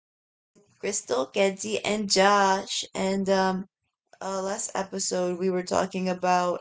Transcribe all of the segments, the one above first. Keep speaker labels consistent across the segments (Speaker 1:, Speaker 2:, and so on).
Speaker 1: with Crystal, Kenzie, and Josh. And last episode, we were talking about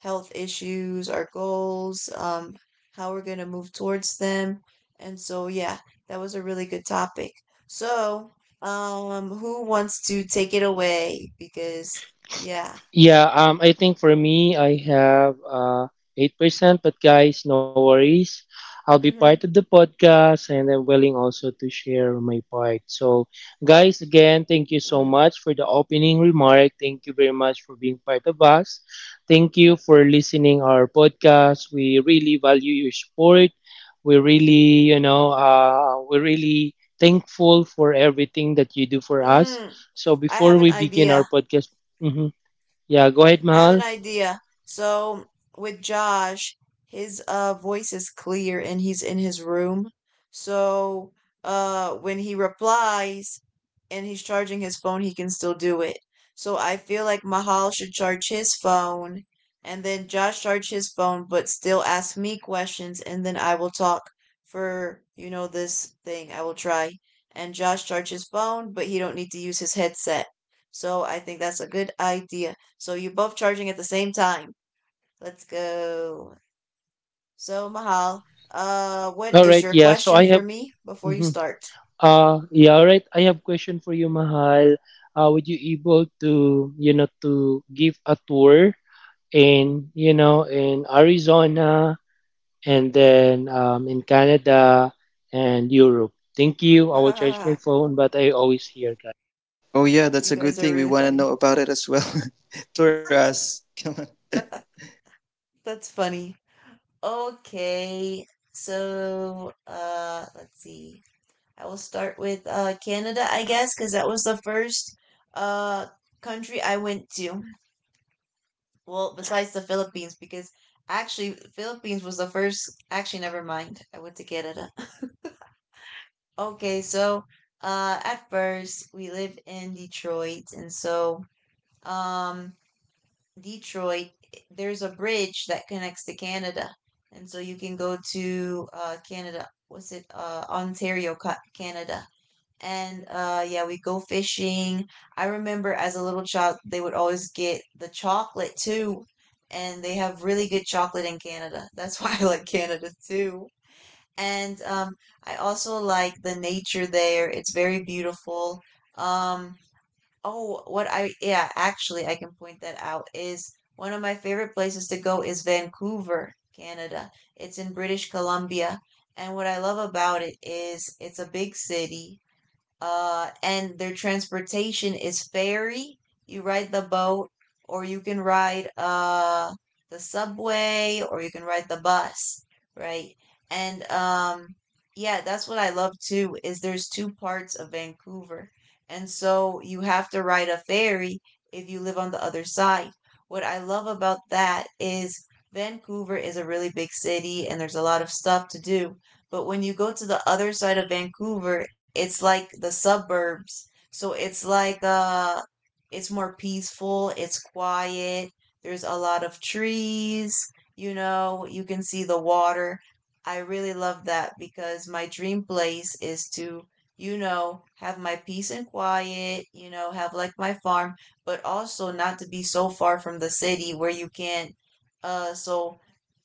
Speaker 1: health issues, our goals, how we're going to move towards them. And so, yeah, that was a really good topic. So, who wants to take it away? Because, yeah.
Speaker 2: Yeah, I think for me, I have 8%, but guys, no worries. I'll be
Speaker 1: Mm-hmm.
Speaker 2: part of the podcast and I'm willing also to share my part. So, guys, again, thank you so
Speaker 1: Mm.
Speaker 2: much for the opening remark. Thank you very much for being part of us. Thank you for listening our podcast. We really value your support. We really, we're really thankful for everything that you do for us.
Speaker 1: Mm.
Speaker 2: So,
Speaker 1: I
Speaker 2: before
Speaker 1: have an
Speaker 2: we begin our
Speaker 1: idea.
Speaker 2: podcast. Mhm. Yeah, go ahead,
Speaker 1: I have an
Speaker 2: Mahal.
Speaker 1: idea. So with Josh, his voice is clear and he's in his room. So when he replies and he's charging his phone, he can still do it. So I feel like Mahal should charge his phone and then Josh charge his phone but still ask me questions, and then I will talk for this thing. I will try. And Josh charge his phone, but he don't need to use his headset. So I think that's a good idea. So you're both charging at the same time. Let's go. So Mahal, what
Speaker 2: All
Speaker 1: is
Speaker 2: right,
Speaker 1: your
Speaker 2: yeah.
Speaker 1: question for me before you
Speaker 2: Mhm.
Speaker 1: start?
Speaker 2: Yeah, all right. I have question for you, Mahal. Would you able to, to give a tour in, in Arizona and then in Canada and Europe? Thank you. I will charge my
Speaker 1: Ah,
Speaker 2: phone, but I always hear, guys.
Speaker 3: Oh yeah, that's
Speaker 1: you
Speaker 3: a
Speaker 1: guys
Speaker 3: good
Speaker 1: are
Speaker 3: thing. We
Speaker 1: really
Speaker 3: want to know
Speaker 1: funny.
Speaker 3: about it as well. Tour us. Come on.
Speaker 1: That's funny. Okay, so let's see. I will start with Canada, I guess, because that was the first uh country I went to. Well, besides the Philippines, because actually Philippines was the first. Actually, never mind. I went to Canada. Okay, so at first we lived in Detroit, and so um, Detroit, there's a bridge that connects to Canada, and so you can go to Canada. Was it? Ontario, Canada. And yeah, we go fishing. I remember as a little child they would always get the chocolate too, and they have really good chocolate in Canada. That's why I like Canada too. And I also like the nature there. It's very beautiful. Um oh, actually I can point that out, is one of my favorite places to go is Vancouver, Canada. It's in British Columbia. And what I love about it is it's a big city, and their transportation is ferry. You ride the boat, or you can ride the subway, or you can ride the bus, right? And yeah, that's what I love too, is there's two parts of Vancouver. And so you have to ride a ferry if you live on the other side. What I love about that is Vancouver is a really big city and there's a lot of stuff to do. But when you go to the other side of Vancouver, it's like the suburbs. So it's like it's more peaceful, it's quiet. There's a lot of trees, you can see the water. I really love that because my dream place is to have my peace and quiet, have like my farm, but also not to be so far from the city where you can't uh so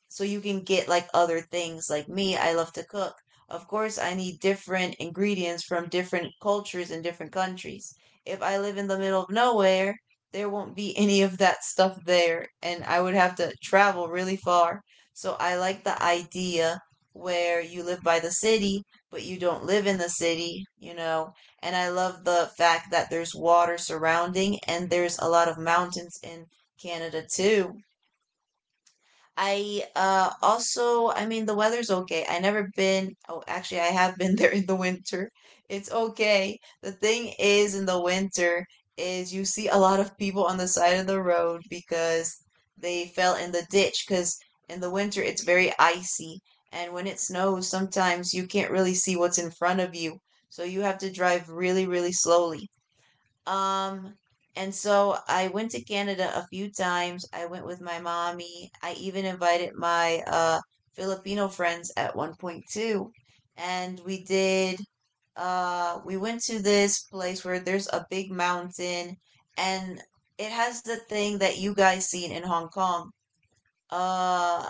Speaker 1: so you can get like other things. Like me, I love to cook. Of course, I need different ingredients from different cultures and different countries. If I live in the middle of nowhere, there won't be any of that stuff there, and I would have to travel really far. So I like the idea where you live by the city, but you don't live in the city. And I love the fact that there's water surrounding, and there's a lot of mountains in Canada too. I also, I mean, the weather's okay. I never been, oh, actually I have been there in the winter. It's okay. The thing is in the winter is you see a lot of people on the side of the road because they fell in the ditch cuz in the winter it's very icy, and when it snows sometimes you can't really see what's in front of you. So you have to drive really really slowly. Um, and so I went to Canada a few times. I went with my mommy. I even invited my Filipino friends at one point too. And we went to this place where there's a big mountain, and it has the thing that you guys seen in Hong Kong. Uh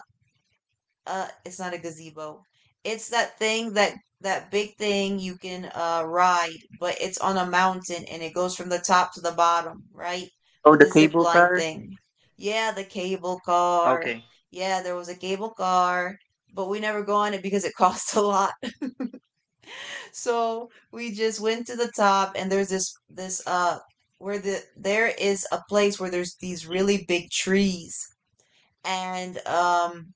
Speaker 1: it's not a gazebo. It's that thing that big thing you can ride, but it's on a mountain and it goes from the top to the bottom, right?
Speaker 4: Oh,
Speaker 1: With
Speaker 4: the
Speaker 1: the zip
Speaker 4: cable
Speaker 1: line
Speaker 4: car.
Speaker 1: thing. Yeah, the cable
Speaker 4: Okay.
Speaker 1: car. Yeah, there was a cable car, but we never go on it because it costs a lot. So we just went to the top, and there's this this where the there is a place where there's these really big trees, and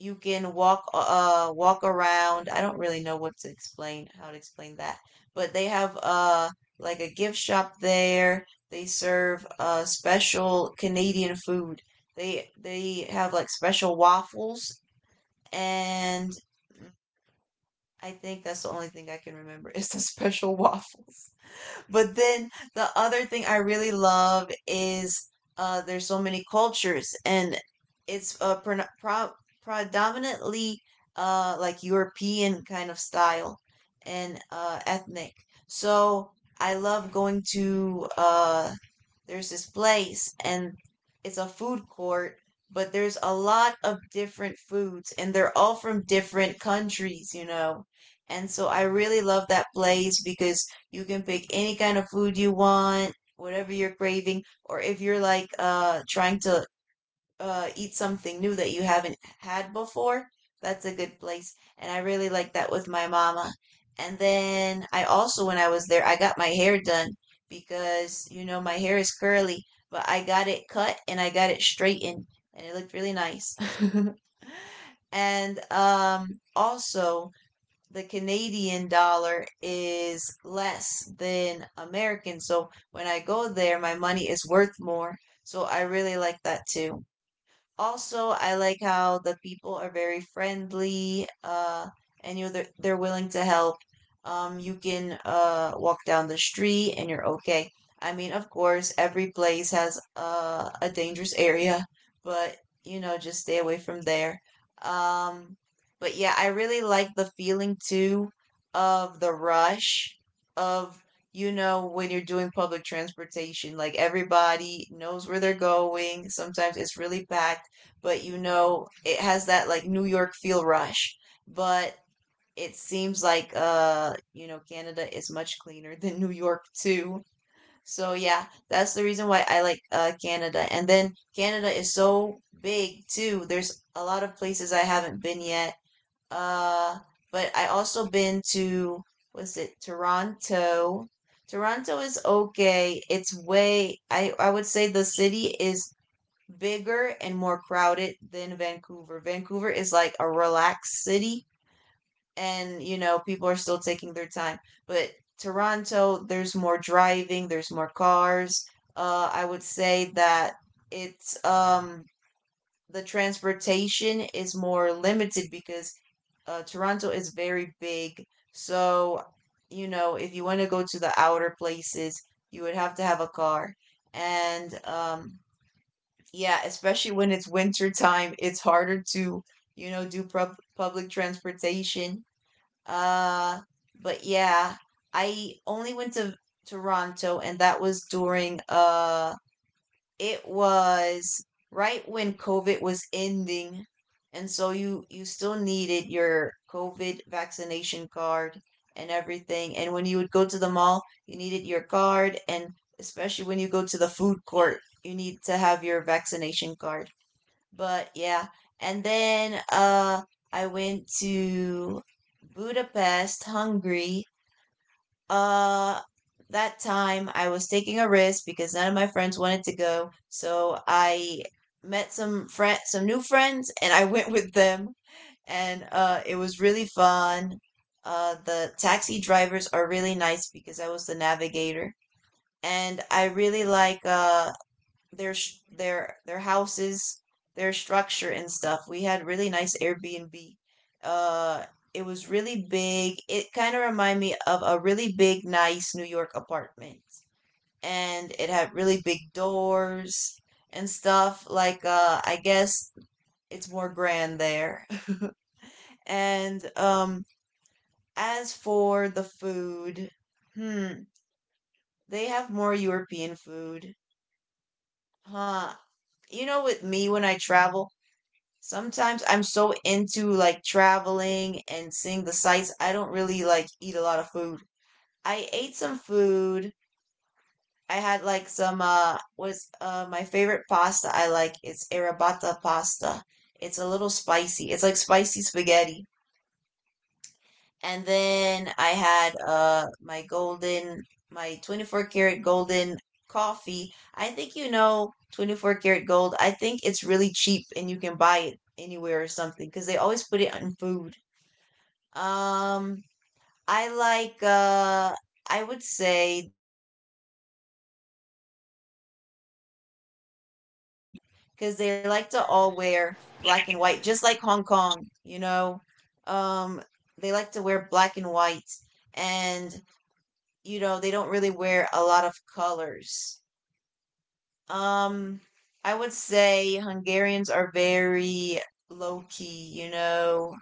Speaker 1: you can walk around. I don't really know what to explain how to explain that. But they have like a gift shop there. They serve special Canadian food. They have like special waffles, and I think that's the only thing I can remember is the special waffles. But then the other thing I really love is, there's so many cultures, and it's, predominantly, like European kind of style, and ethnic. So I love going to there's this place, and it's a food court, but there's a lot of different foods, and they're all from different countries. And so I really love that place because you can pick any kind of food you want, whatever you're craving, or if you're like trying to eat something new that you haven't had before. That's a good place. And I really like that with my mama. And then I also, when I was there, I got my hair done because, you know, my hair is curly, but I got it cut and I got it straightened, and it looked really nice. And also, the Canadian dollar is less than American. So when I go there, my money is worth more. So I really like that too. Also, I like how the people are very friendly, and they're willing to help. You can walk down the street and you're okay. I mean, of course, every place has a dangerous area, but just stay away from there. Um, but yeah, I really like the feeling too of the rush of, when you're doing public transportation, like everybody knows where they're going. Sometimes it's really bad, but you know it has that like New York feel rush. But it seems like Canada is much cleaner than New York too. So yeah, that's the reason why I like Canada. And then Canada is so big too. There's a lot of places I haven't been yet. Uh but I also been to, was it Toronto? Toronto is okay. It's way I would say the city is bigger and more crowded than Vancouver. Vancouver is like a relaxed city, and people are still taking their time. But Toronto, there's more driving, there's more cars. I would say that it's the transportation is more limited because Toronto is very big. So, if you want to go to the outer places, you would have to have a car. And yeah, especially when it's winter time, it's harder to do public transportation. Uh, but yeah, I only went to Toronto, and that was during it was right when COVID was ending. And so you still needed your COVID vaccination card and everything. And when you would go to the mall, you needed your card, and especially when you go to the food court, you need to have your vaccination card. But yeah, and then I went to Budapest, Hungary. Uh that time I was taking a risk because none of my friends wanted to go, so I met some new friends, and I went with them, and it was really fun. The taxi drivers are really nice because I was the navigator, and I really like their their houses, their structure and stuff. We had really nice Airbnb. Uh, it was really big. It kind of reminded me of a really big, nice New York apartment, and it had really big doors and stuff. Like, I guess it's more grand there. And as for the food, hmm, they have more European food, huh? You know, with me when I travel. Sometimes I'm so into like traveling and seeing the sights, I don't really like eat a lot of food. I ate some food. I had like some was my favorite pasta I like is arrabbiata pasta. It's a little spicy. It's like spicy spaghetti. And then I had my 24 karat golden coffee. I think 24 karat gold. I think it's really cheap and you can buy it anywhere or something because they always put it on food. Um, I like, I would say that Europeans are more simple because they like to all wear black and white, just like Hong Kong, you know. Um, they like to wear black and white, and you know, they don't really wear a lot of colors. Um, I would say Hungarians are very low key, you know.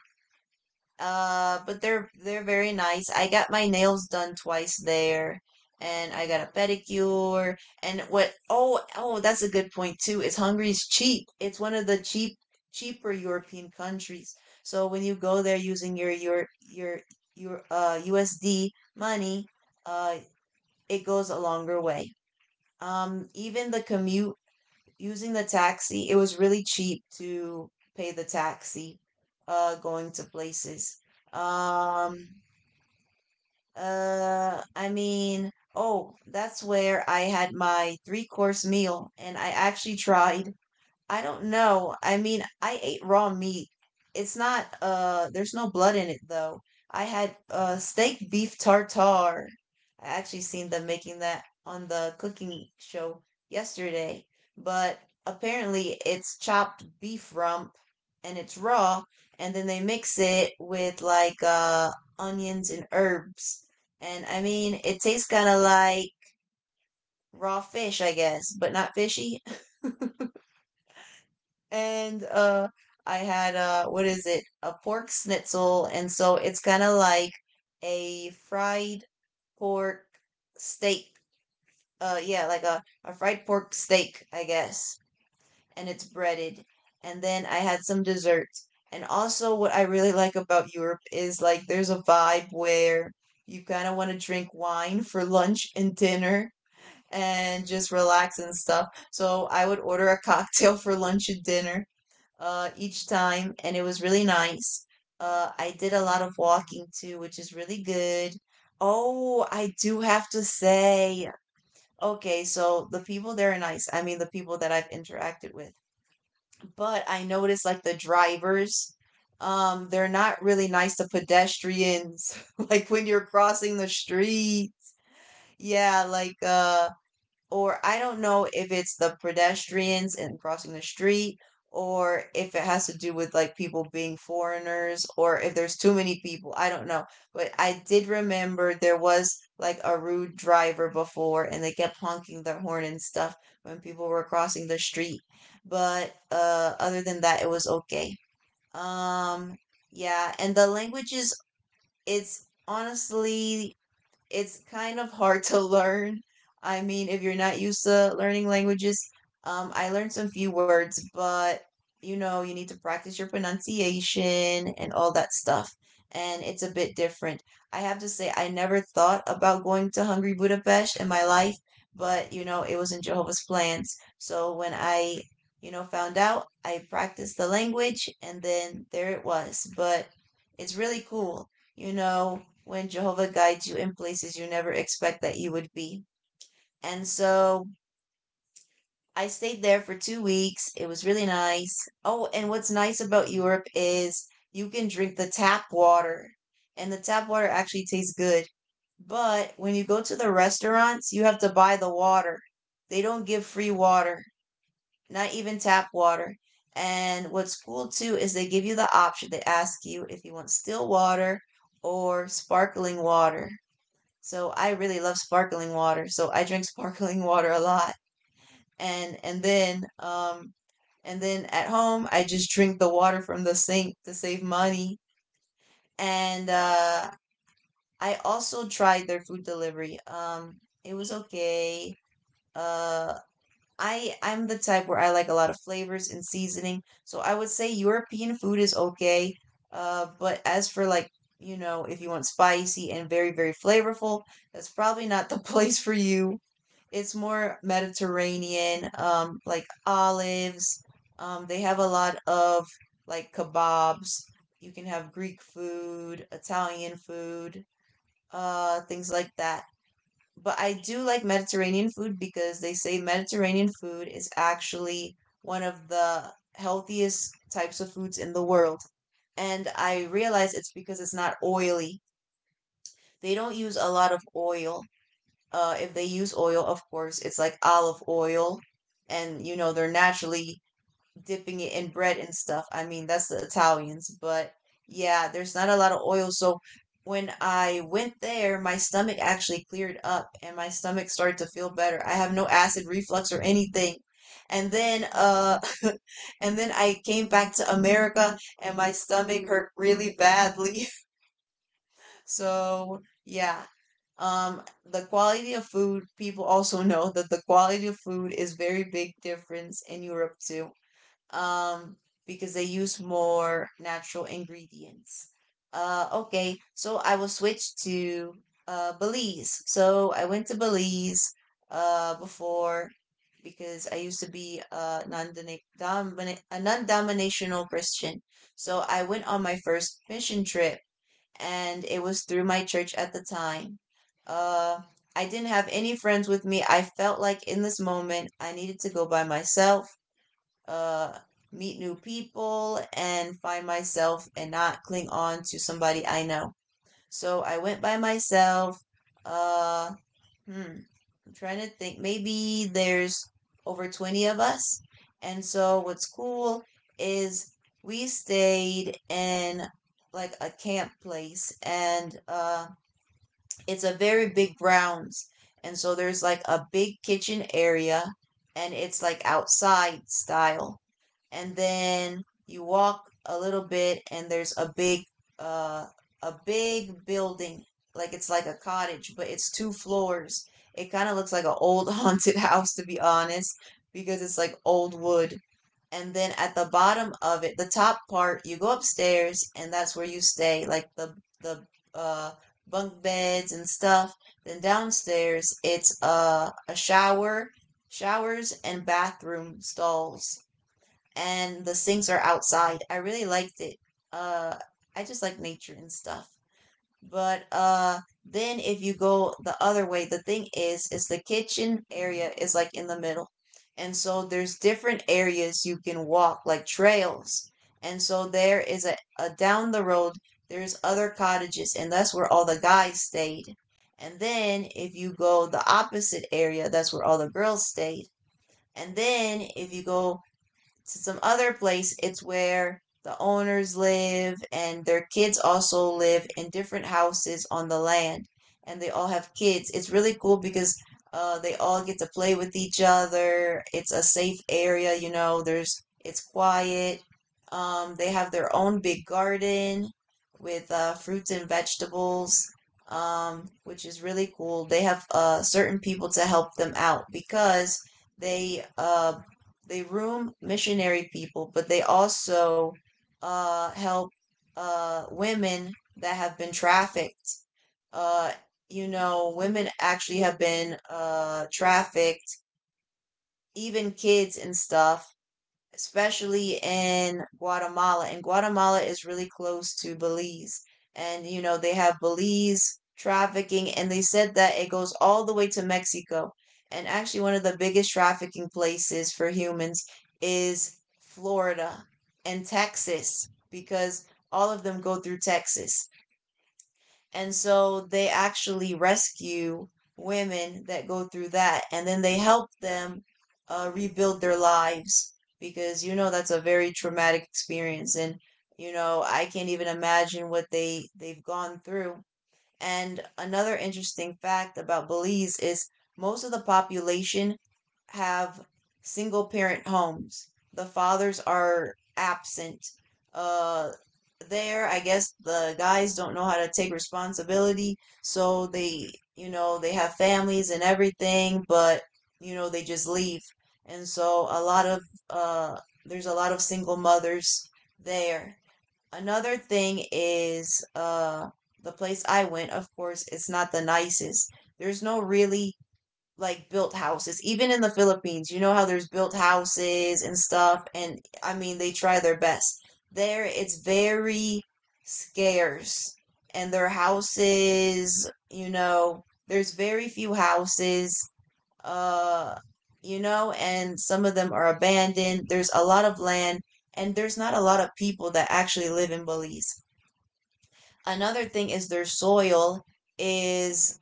Speaker 1: But they're very nice. I got my nails done twice there, and I got a pedicure. And what? Oh, that's a good point too. Is Hungary's cheap? It's one of the cheaper European countries. So when you go there using your USD money, uh, it goes a longer way. Even the commute using the taxi, it was really cheap to pay the taxi going to places. Um oh, that's where I had my three-course meal and I actually tried I don't know. I mean, I ate raw meat. It's not, there's no blood in it though. I had steak beef tartare. I actually seen them making that on the cooking show yesterday, but apparently it's chopped beef rump and it's raw, and then they mix it with like onions and herbs. And I mean, it tastes kind of like raw fish, I guess, but not fishy. And I had what is it? A pork schnitzel, and so it's kind of like a fried pork steak. Yeah, like a fried pork steak, I guess. And it's breaded. And then I had some dessert. And also what I really like about Europe is like there's a vibe where you kind of want to drink wine for lunch and dinner and just relax and stuff. So I would order a cocktail for lunch and dinner each time, and it was really nice. I did a lot of walking too, which is really good. Oh, I do have to say, okay, so the people there are nice. I mean, the people that I've interacted with, but I noticed like the drivers, they're not really nice to pedestrians. Like when you're crossing the street, yeah, or I don't know if it's the pedestrians and crossing the street, or if it has to do with like people being foreigners, or if there's too many people. I don't know. But I did remember there was like a rude driver before, and they kept honking their horn and stuff when people were crossing the street. But Other than that, it was okay. Um, yeah, and the languages, it's honestly it's kind of hard to learn. I mean, if you're not used to learning languages, I learned some few words, but you know, you need to practice your pronunciation and all that stuff. And it's a bit different. I have to say, I never thought about going to Hungry Budapest in my life, but you know, it was in Jehovah's plans. So when I, you know, found out, I practiced the language and then there it was. But it's really cool, you know, when Jehovah guides you in places you never expect that you would be. And so I stayed there for 2 weeks. It was really nice. Oh, and what's nice about Europe is you can drink the tap water, and the tap water actually tastes good. But when you go to the restaurants, you have to buy the water. They don't give free water, not even tap water. And what's cool too is they give you the option. They ask you if you want still water or sparkling water. So I really love sparkling water. So I drink sparkling water a lot. And then and then at home I just drink the water from the sink to save money. And I also tried their food delivery. Um, it was okay. Uh I'm the type where I like a lot of flavors and seasoning, so I would say European food is okay. But as for like, you know, if you want spicy and very, very flavorful, that's probably not the place for you. It's more Mediterranean, like olives. They have a lot of like kebabs. You can have Greek food, Italian food, things like that, but I do like Mediterranean food because they say Mediterranean food is actually one of the healthiest types of foods in the world. And I realize it's because it's not oily. They don't use a lot of oil. If they use oil, of course, it's like olive oil. And, you know, they're naturally dipping it in bread and stuff. I mean, that's the Italians, but yeah, there's not a lot of oil. So when I went there, my stomach actually cleared up and my stomach started to feel better. I have no acid reflux or anything. And then and then I came back to America and my stomach hurt really badly. So, yeah. Um, the quality of food, people also know that the quality of food is very big difference in Europe too, um, because they use more natural ingredients. Okay, so I will switch to Belize. So I went to Belize before because I used to be a a non-dominational Christian. So I went on my first mission trip, and it was through my church at the time. Uh, I didn't have any friends with me. I felt like in this moment I needed to go by myself, uh, meet new people and find myself and not cling on to somebody I know. So I went by myself. Uh, hmm, I'm trying to think. Maybe there's over 20 of us. And so what's cool is we stayed in like a camp place, and it's a very big grounds. And so there's like a big kitchen area and it's like outside style, and then you walk a little bit and there's uh a big building, like it's like a cottage but it's two floors. It kind of looks like an old haunted house, to be honest, because it's like old wood. And then at the bottom of it, the top part, you go upstairs and that's where you stay, like the uh bunk beds and stuff. Then downstairs it's a shower showers and bathroom stalls, and the sinks are outside. I really liked it. Uh, I just like nature and stuff. But then if you go the other way, the thing is the kitchen area is like in the middle, and so there's different areas you can walk, like trails. And so there is a down the road, there's other cottages, and that's where all the guys stayed. And then if you go the opposite area, that's where all the girls stayed. And then if you go to some other place, it's where the owners live, and their kids also live in different houses on the land, and they all have kids. It's really cool because they all get to play with each other. It's a safe area, you know, there's it's quiet. They have their own big garden with fruits and vegetables, which is really cool. They have certain people to help them out because they uh, they room missionary people, but they also help women that have been trafficked. Uh, you know, women actually have been trafficked, even kids and stuff, especially in Guatemala. And Guatemala is really close to Belize. And, you know, they have Belize trafficking, and they said that it goes all the way to Mexico. And actually, one of the biggest trafficking places for humans is Florida and Texas, because all of them go through Texas. And so they actually rescue women that go through that, and then they help them rebuild their lives, because you know that's a very traumatic experience, and you know I can't even imagine what they've gone through. And another interesting fact about Belize is most of the population have single parent homes. The fathers are absent. Uh, there, I guess the guys don't know how to take responsibility, so they, you know, they have families and everything, but you know, they just leave. And so a lot of uh, there's a lot of single mothers there. Another thing is, the place I went, of course, it's not the nicest. There's no really like built houses. Even in the Philippines, you know how there's built houses and stuff, and I mean they try their best. There it's very scarce, and their houses, you know, there's very few houses, uh, you know, and some of them are abandoned. There's a lot of land, and there's not a lot of people that actually live in Belize. Another thing is their soil is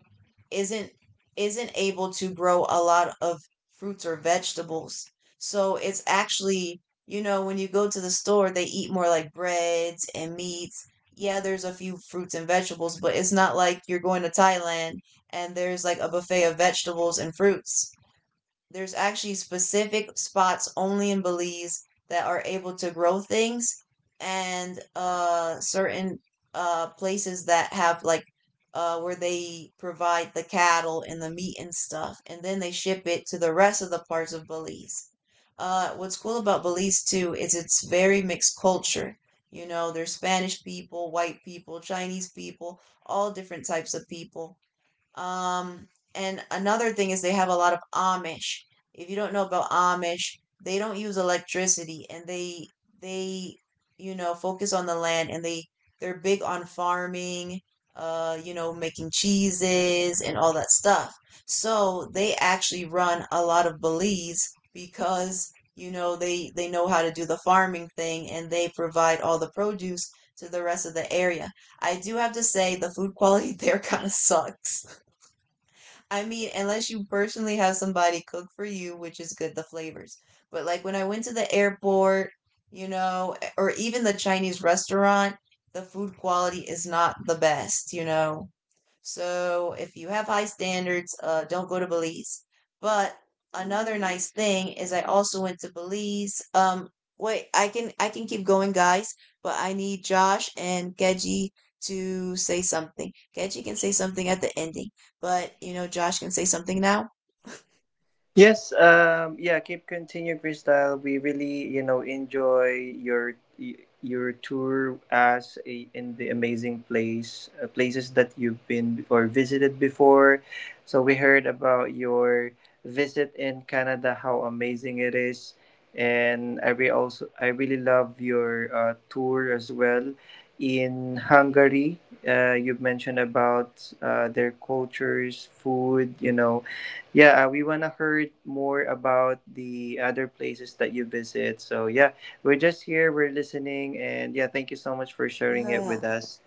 Speaker 1: isn't isn't able to grow a lot of fruits or vegetables. So it's actually, when you go to the store, they eat more like breads and meats. Yeah, there's a few fruits and vegetables, but it's not like you're going to Thailand and there's like a buffet of vegetables and fruits. There's actually specific spots only in Belize that are able to grow things, and certain places that have, like, where they provide the cattle and the meat and stuff, and then they ship it to the rest of the parts of Belize. What's cool about Belize too is it's very mixed culture. You know, there's Spanish people, white people, Chinese people, all different types of people. Um, and another thing is they have a lot of Amish. If you don't know about Amish, they don't use electricity, and they you know focus on the land, and they're big on farming, you know, making cheeses and all that stuff. So they actually run a lot of Belize because you know they know how to do the farming thing, and they provide all the produce to the rest of the area. I do have to say the food quality there kind of sucks. I mean, unless you personally have somebody cook for you, which is good, the flavors. But like when I went to the airport, you know, or even the Chinese restaurant, the food quality is not the best, you know. So if you have high standards, don't go to Belize. But another nice thing is I also went to Belize. Wait, I can keep going, guys, but I need Josh and Keji to say something. Keji can say something at the ending, but you know Josh can say something now.
Speaker 4: Yes, yeah, keep continue, Crystal. We really, you know, enjoy your tour as a, in the amazing place places that you've been or visited before. So we heard about your visit in Canada, how amazing it is, and I re- also I really love your tour as well in Hungary. You've mentioned about their cultures, food, you know, yeah, we want to hear more about the other places that you visit. So, yeah, we're just here, we're listening, and yeah, thank you so much for sharing it with
Speaker 1: Uh,
Speaker 4: us.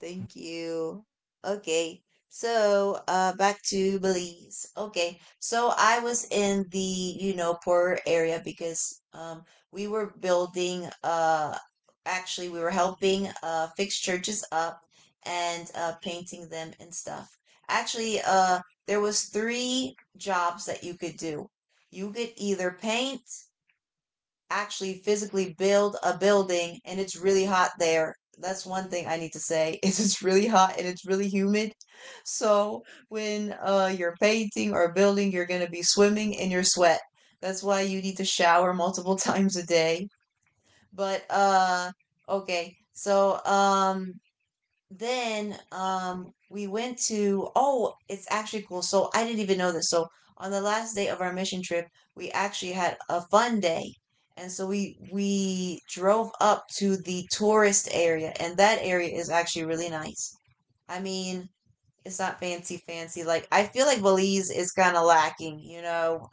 Speaker 1: Thank you. Okay. So, back to Belize. Okay. So I was in the, you know, poorer area because we were building actually we were helping fix churches up and painting them and stuff. Actually, there was three jobs that you could do. You could either paint, actually physically build a building, and it's really hot there. That's one thing I need to say is it's really hot and it's really humid. So when you're painting or building, you're gonna be swimming in your sweat. That's why you need to shower multiple times a day. But okay. So then we went to, oh, it's actually cool, so I didn't even know this. So on the last day of our mission trip, we actually had a fun day, and so we drove up to the tourist area, and that area is actually really nice. I mean, it's not fancy fancy, like I feel like Belize is kind of lacking, you know.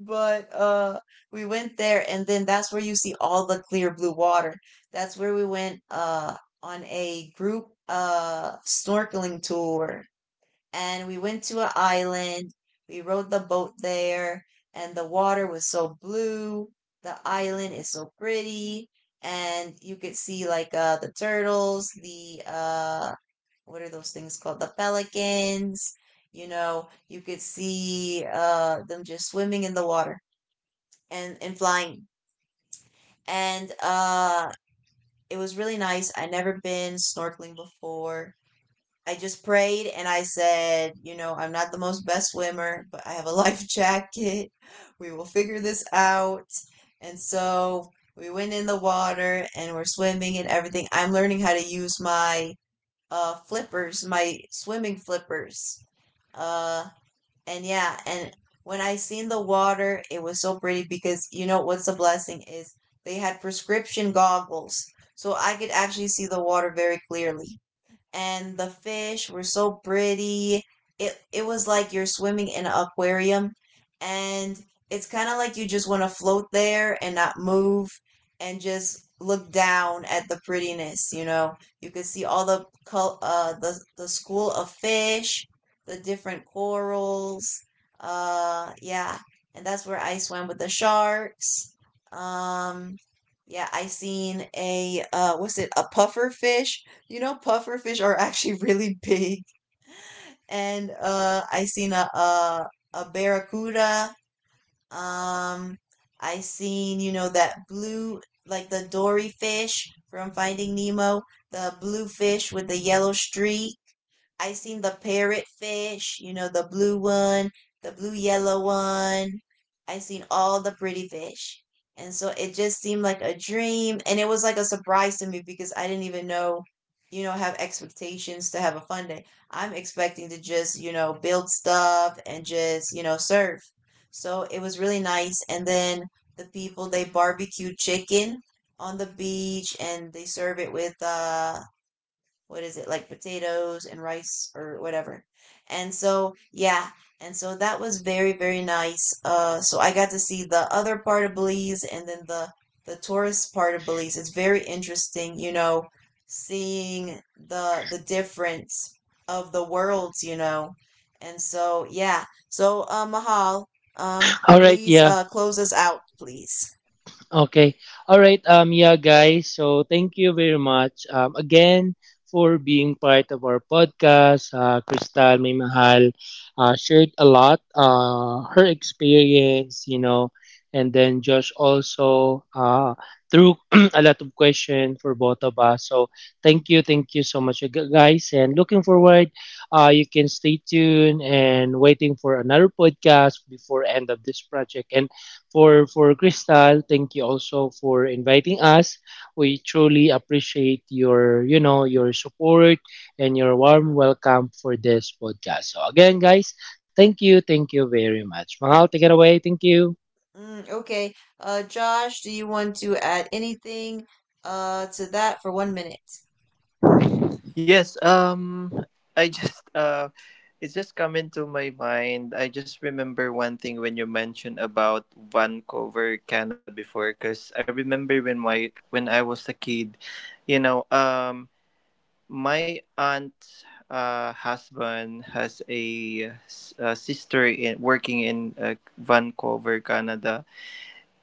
Speaker 1: But we went there, and then that's where you see all the clear blue water. That's where we went on a group snorkeling tour, and we went to an island. We rode the boat there, and the water was so blue. The island is so pretty, and you could see like the turtles, the what are those things called? The pelicans. You know, you could see them just swimming in the water and flying. And it was really nice. I never been snorkeling before. I just prayed and I said, you know, I'm not the most best swimmer, but I have a life jacket. We will figure this out. And so we went in the water and we're swimming and everything. I'm learning how to use my flippers, my swimming flippers. Uh and yeah, and when I seen the water, it was so pretty, because you know what's a blessing is they had prescription goggles, so I could actually see the water very clearly, and the fish were so pretty. It was like you're swimming in an aquarium, and it's kind of like you just want to float there and not move and just look down at the prettiness, you know. You could see all the the school of fish, the different corals. Yeah, and that's where I swam with the sharks. Um yeah, I seen a what's it? A puffer fish, you know, pufferfish are actually really big. And I seen a barracuda. um I seen, you know, that blue, like the Dory fish from Finding Nemo, the blue fish with the yellow streak. I seen the parrot fish, you know, the blue one, the blue yellow one. I seen all the pretty fish. And so it just seemed like a dream. And it was like a surprise to me because I didn't even know, you know, have expectations to have a fun day. I'm expecting to just, you know, build stuff and just, you know, surf. So it was really nice. And then the people, they barbecued chicken on the beach, and they serve it with what is it, like potatoes and rice or whatever. And so yeah, and so that was very very nice. So I got to see the other part of Belize, and then the tourist part of Belize, it's very interesting, you know, seeing the difference of the worlds, you know. And so yeah, so Mahal,
Speaker 5: All right,
Speaker 1: please
Speaker 5: yeah.
Speaker 1: close us out, please.
Speaker 5: Okay. All right, yeah guys, so thank you very much again for being part of our podcast. Crystal May Mahal shared a lot her experience, you know, and then Josh also threw a lot of questions for both of us. So thank you so much guys and looking forward you can stay tuned and waiting for another podcast before end of this project. And for Crystal. Thank you also for inviting us. We truly appreciate your, you know, your support and your warm welcome for this podcast. So again, guys, thank you very much. Mahal, take it away. Thank you.
Speaker 1: Mm, okay. Josh, do you want to add anything to that for 1 minute?
Speaker 4: Yes, I just it's just come into my mind. I just remember one thing when you mentioned about Vancouver, Canada before, cuz I remember when my when I was a kid, you know. Um, my aunt husband has a, a sister in, working in Vancouver, Canada.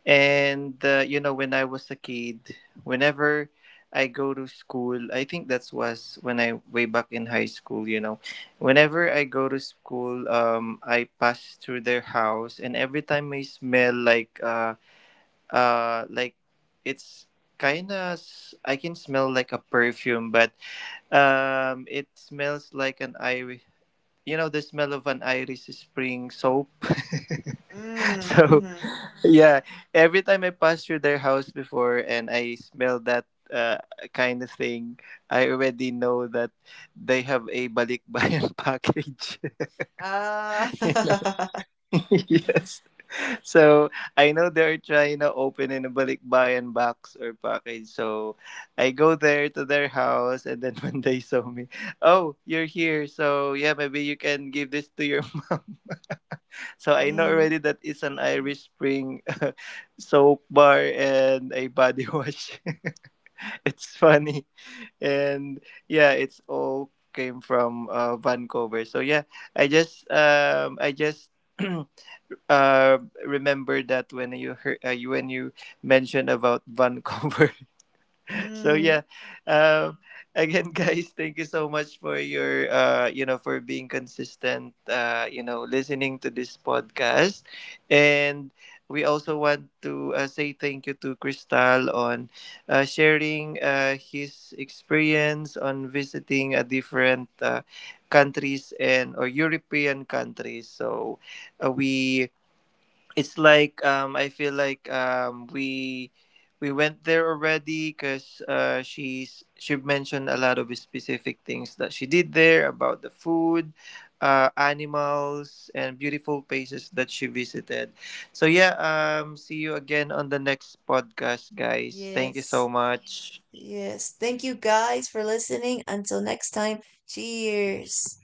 Speaker 4: And you know, when I was a kid, whenever I go to school, I think that was when I way back in high school. You know, whenever I go to school, I pass through their house, and every time I smell like it's kind of I can smell like a perfume, but it smells like an iris. You know the smell of an iris spring soap.
Speaker 1: Mm,
Speaker 4: So
Speaker 1: mm-hmm.
Speaker 4: yeah, every time I pass through their house before and I smell that uh, kind of thing, I already know that they have a balikbayan package.
Speaker 1: Ah.
Speaker 4: You know? Yes. So, I know they're trying to open in a balikbayan box or package. So, I go there to their house and then when they saw me, "Oh, you're here. So, yeah, maybe you can give this to your mom." So, I know
Speaker 1: Mm,
Speaker 4: already that it's an Irish Spring soap bar and a body wash. It's funny. And yeah, it's all came from Vancouver. So, yeah, I just uh, remember that when you heard when you mentioned about Vancouver. So
Speaker 1: mm,
Speaker 4: yeah, um, again, guys, thank you so much for your you know, for being consistent. You know, listening to this podcast, and we also want to say thank you to Crystal on sharing his experience on visiting a different countries and or European countries. So we it's like I feel like we went there already because she mentioned a lot of specific things that she did there about the food, animals and beautiful places that she visited. So yeah, see you again on the next podcast, guys. Thank you
Speaker 1: yes.
Speaker 4: so much.
Speaker 1: Yes. Thank you guys for listening. Until next time, cheers.